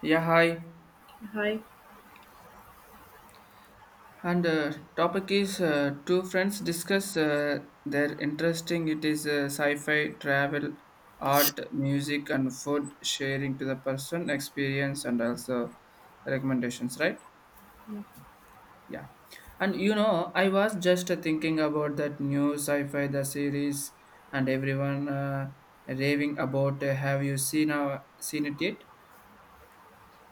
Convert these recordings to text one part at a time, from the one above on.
Yeah, hi. Hi. And topic is two friends discuss their interesting. It is sci-fi, travel, art, music, and food sharing to the person experience and also recommendations. Right? Yeah. And I was just thinking about that new sci-fi the series, and everyone raving about. Have you seen it yet?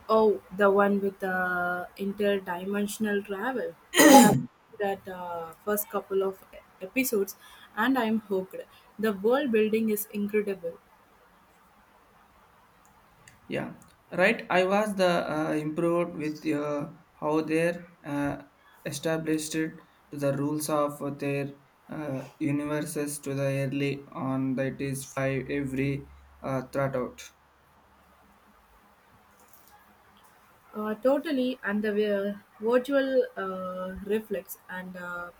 Oh, the one with the interdimensional travel. I have that first couple of episodes and I'm hooked. The world building is incredible. Yeah, right. I was the improved with how they uh, established it to the rules of their universes to the early on that is five every thought out. Totally, and the virtual reflex and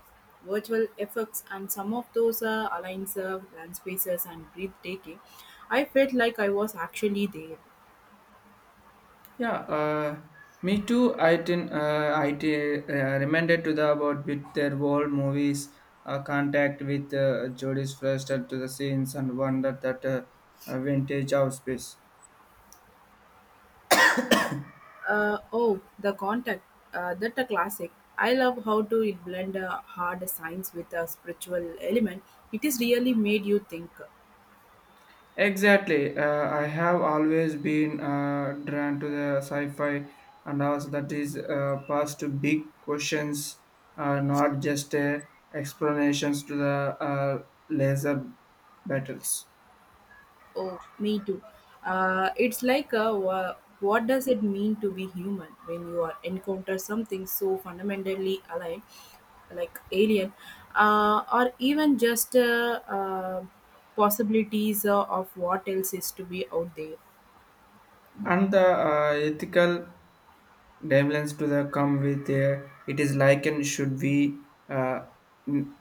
virtual effects, and some of those alliance land spaces and breathtaking. I felt like I was actually there. Yeah, uh, me too. I didn't. I reminded to the about with their old movies. Contact with Jodie's first to the scenes and wonder that vintage of space. Oh, The Contact. That a classic. I love how to it blend a hard science with a spiritual element. It is really made you think. Exactly. I have always been drawn to the sci-fi and also that is past to big questions, not just explanations to the uh, laser battles. Oh, me too. It's like a, what does it mean to be human when you are encounter something so fundamentally aligned, like alien, or even just possibilities of what else is to be out there. And the ethical dimensions to the come with it is like and should we in-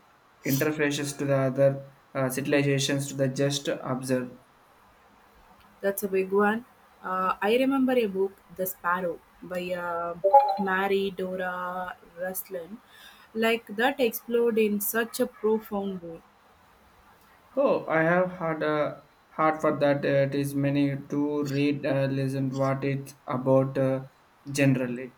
interfaces to the other civilizations to the just observe. That's a big one. I remember a book, The Sparrow, by Mary Dora Ruslin. Like that explored in such a profound way. Oh, I have had a heart for that. It is many to read, listen what it's about generally.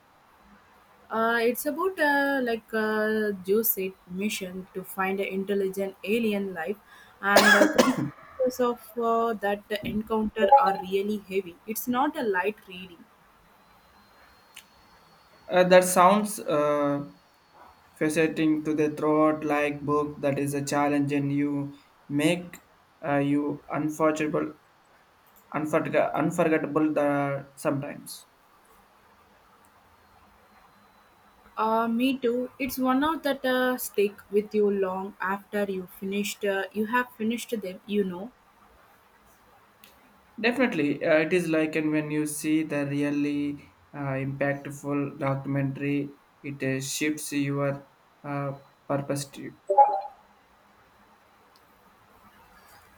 It's about like a Joseph mission to find an intelligent alien life, and consequences of that encounter are really heavy. It's not a light reading. That sounds fascinating to the throat like book that is a challenge and you make you unforgettable the, sometimes. Me too. It's one of that stick with you long after you finished. You have finished them. Definitely, it is like and when you see the really impactful documentary, it shifts your uh, perspective.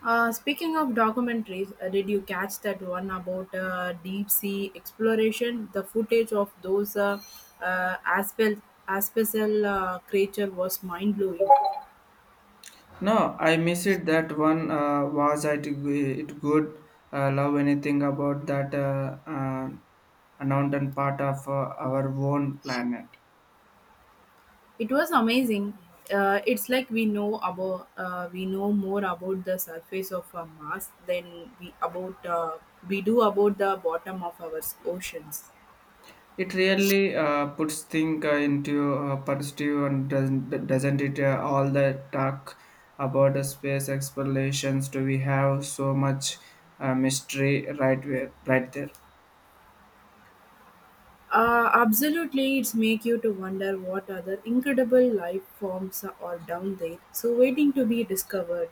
Speaking of documentaries, did you catch that one about deep sea exploration? The footage of those aspel aspecel creature was mind blowing. No, I miss it. That one was it it good. Love anything about that unknown part of our own planet. It was amazing. It's like we know about we know more about the surface of Mars than we about we do about the bottom of our oceans. It really puts things into perspective and doesn't it? All the talk about the space explorations. Do we have so much mystery right there? Absolutely, it's make you to wonder what other incredible life forms are down there, so waiting to be discovered.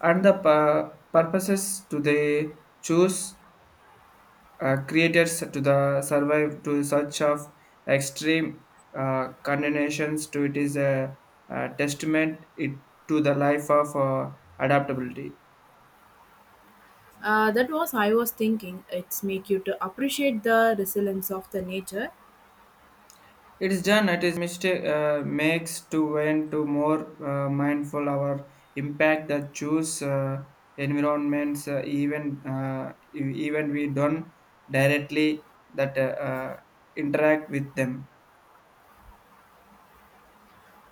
And the purposes do they choose creators to the survive to such of extreme conditions to a testament it to the life of adaptability. That was I was thinking. It's make you to appreciate the resilience of the nature. It is done it is mistake makes to when to more mindful our impact that choose environments even we don't directly that interact with them.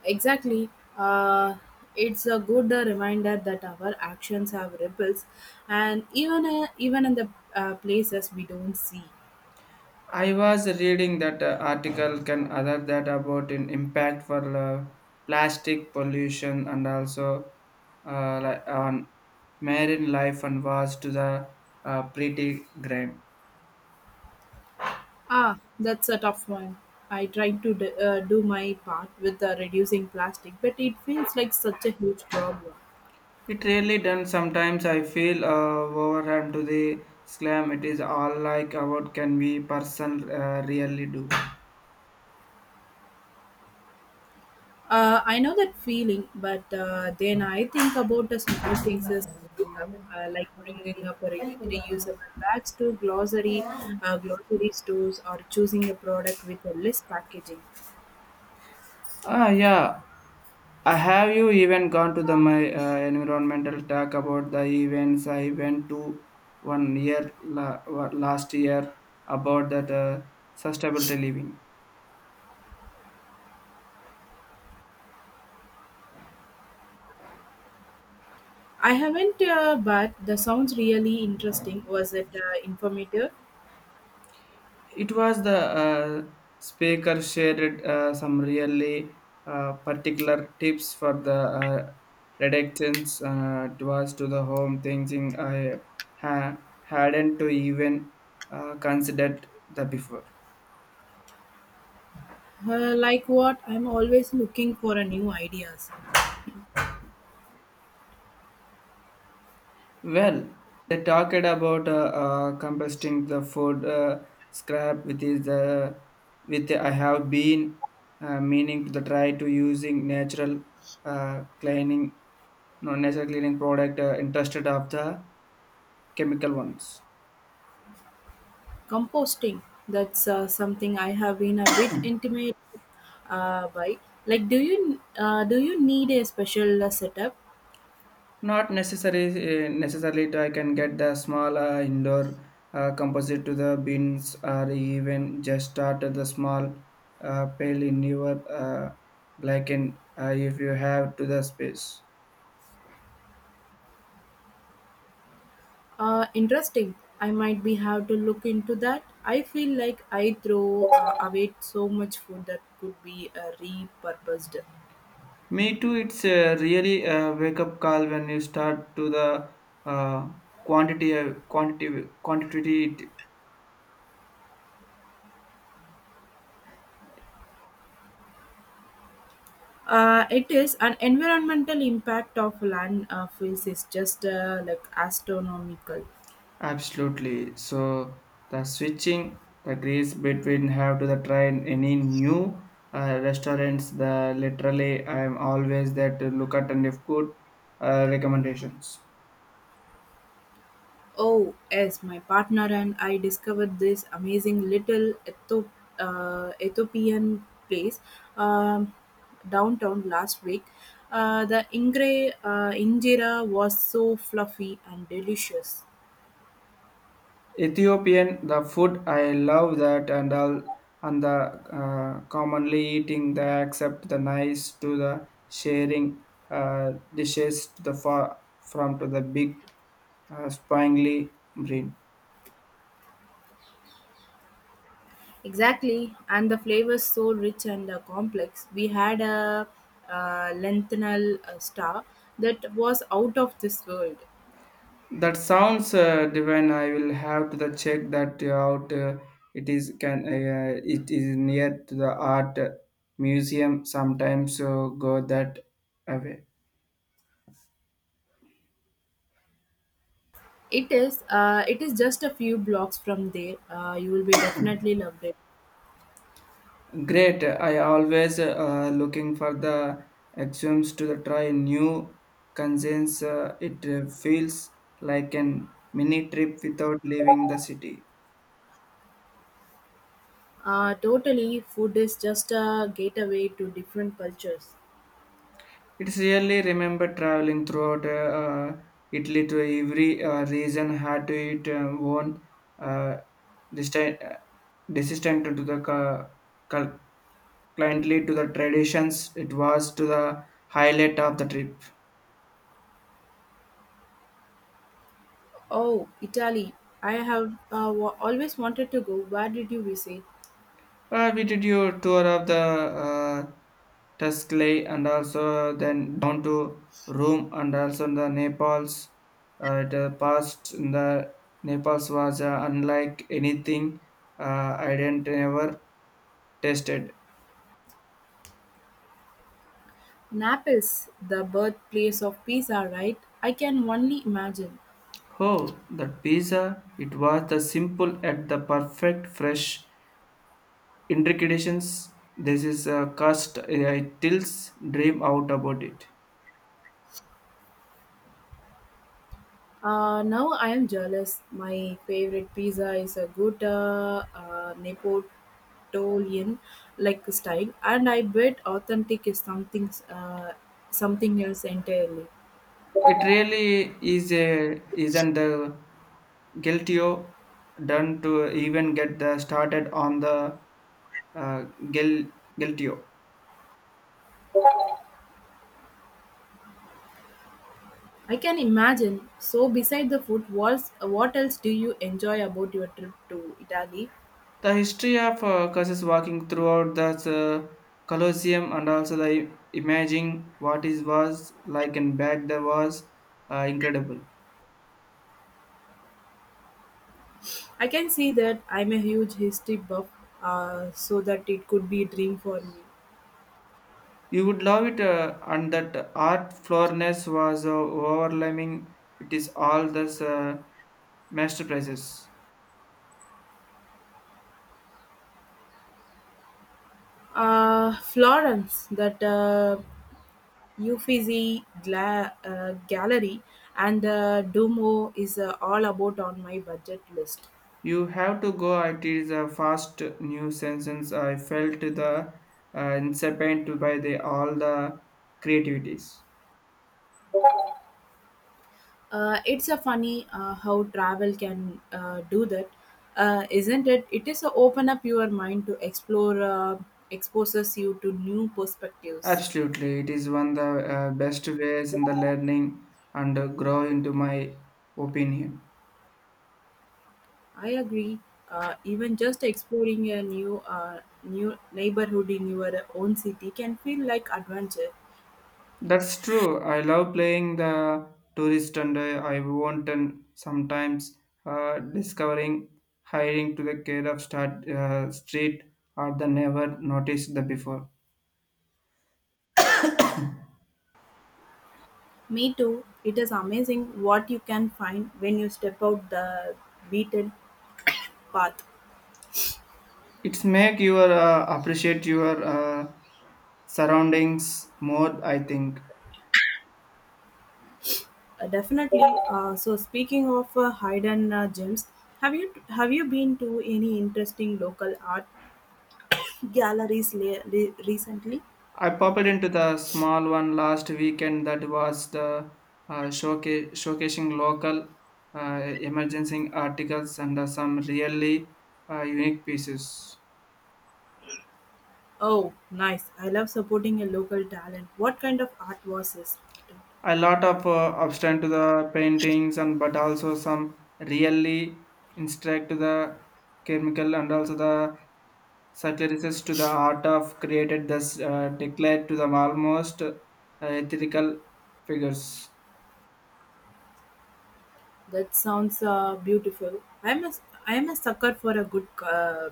Exactly. Uh, it's a good reminder that our actions have ripples, and even in the places we don't see. I was reading that article can other that about an impact for plastic pollution and also on marine life and was to the pretty grim. Ah, that's a tough one. I tried to do my part with reducing plastic, but it feels like such a huge problem. It really done sometimes I feel overwhelmed to the slam. It is all like about can we person really do? I know that feeling, but then I think about the small things as I pick up, like bringing up a reusable bags to glossary stores, or choosing a product with a less packaging. Ah, yeah. Have you even gone to the my environmental talk about the events I went to one year la- wa- last year about that sustainability living? I haven't, but the sounds really interesting. Was it informative? It was the uh, speaker shared some really particular tips for the uh, reductions. It was to the home thinking I hadn't to even considered the before. Like what? I'm always looking for a new ideas. Well, they talked about composting the food scrap, which is the with I have been meaning to the try to using natural cleaning, no natural cleaning product interested of the chemical ones. Composting, that's something I have been a bit intimidated by. Like, do you need a special setup? Not necessary Necessarily I can get the small indoor composite to the bins or even just start at the small pail in your blackened if you have to the space. Interesting. I might be have to look into that. I feel like I throw away so much food that could be repurposed. Me too. It's a really a wake up call when you start to the uh, quantity. It is an environmental impact of landfills is just like astronomical. Absolutely. So the switching the grace between have to the try and any new restaurants. The literally I am always there to look at and if good recommendations. Oh, yes, my partner and I discovered this amazing little Ethiopian place um, downtown last week. The injera was so fluffy and delicious. Ethiopian the food I love that and all and the commonly eating the accept the nice to the sharing dishes to the far from to the big spangly brain. Exactly, and the flavors so rich and complex. We had a lentinel star that was out of this world. That sounds divine. I will have to the check that out. It is can yeah, it is near to the art museum. Sometimes so go that away. It is just a few blocks from there. You will be definitely loved it. Great. I always looking for the axioms to the try new concerns. It feels like an mini trip without leaving the city. Totally, food is just a gateway to different cultures. It's really remember traveling throughout Italy to every region had to it own uh, distant, uh, desistant to the cul- cliently to the traditions. It was to the highlight of the trip. Oh, Italy. I have always wanted to go. Where did you visit? We did your tour of the Tuscaloosa and also then down to Rome and also in the Naples. The past in the Naples was unlike anything I didn't ever tasted. Naples, the birthplace of pizza, right? I can only imagine. Oh, that pizza! It was the simple at the perfect fresh intrications. This is a cast I tills dream out about it. Now I am jealous. My favorite pizza is a good Napoleon like style, and I bet authentic is something, something else entirely. It really is a isn't the guiltio done to even get the started on the uh, Gil, Guiltio. I can imagine. So, beside the food, what else do you enjoy about your trip to Italy? The history of curses walking throughout the Colosseum and also the imagining what it was like and back there was incredible. I can see that I'm a huge history buff, so that it could be a dream for me. You would love it, and that art floorness was overwhelming. It is all this masterpieces. Florence, that Uffizi gallery and the Duomo is all about on my budget list. You have to go. It is a fast new sentence. I felt the incipient by the all the creativities. It's a funny how travel can do that, isn't it? It is a open up your mind to exposes you to new perspectives. Absolutely, it is one of the best ways in the learning and grow into my opinion. I agree. Even just exploring a new neighborhood in your own city can feel like adventure. That's true. I love playing the tourist and I want and sometimes discovering hiring to the care of street or the never noticed the before. Me too. It is amazing what you can find when you step out the beaten path. It's make your appreciate your surroundings more, I think. Definitely. So speaking of hidden gems, have you been to any interesting local art galleries recently? I popped into the small one last weekend that was the showcasing local emergency articles and some really unique pieces. Oh, nice! I love supporting a local talent. What kind of art was this? A lot of abstract to the paintings and but also some really instruct to the chemical and also the satirists to the art of created this declared to the almost ethical figures. That sounds beautiful. I'm a sucker for a good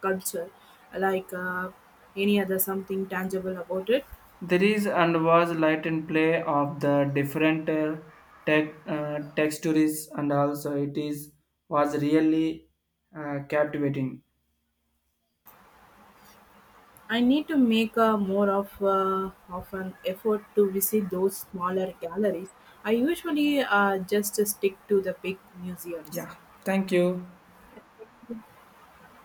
culture, like any other something tangible about it. There is and was light and play of the different textures and also it is was really captivating. I need to make a more of an effort to visit those smaller galleries. I usually just stick to the big museums. Yeah, thank you.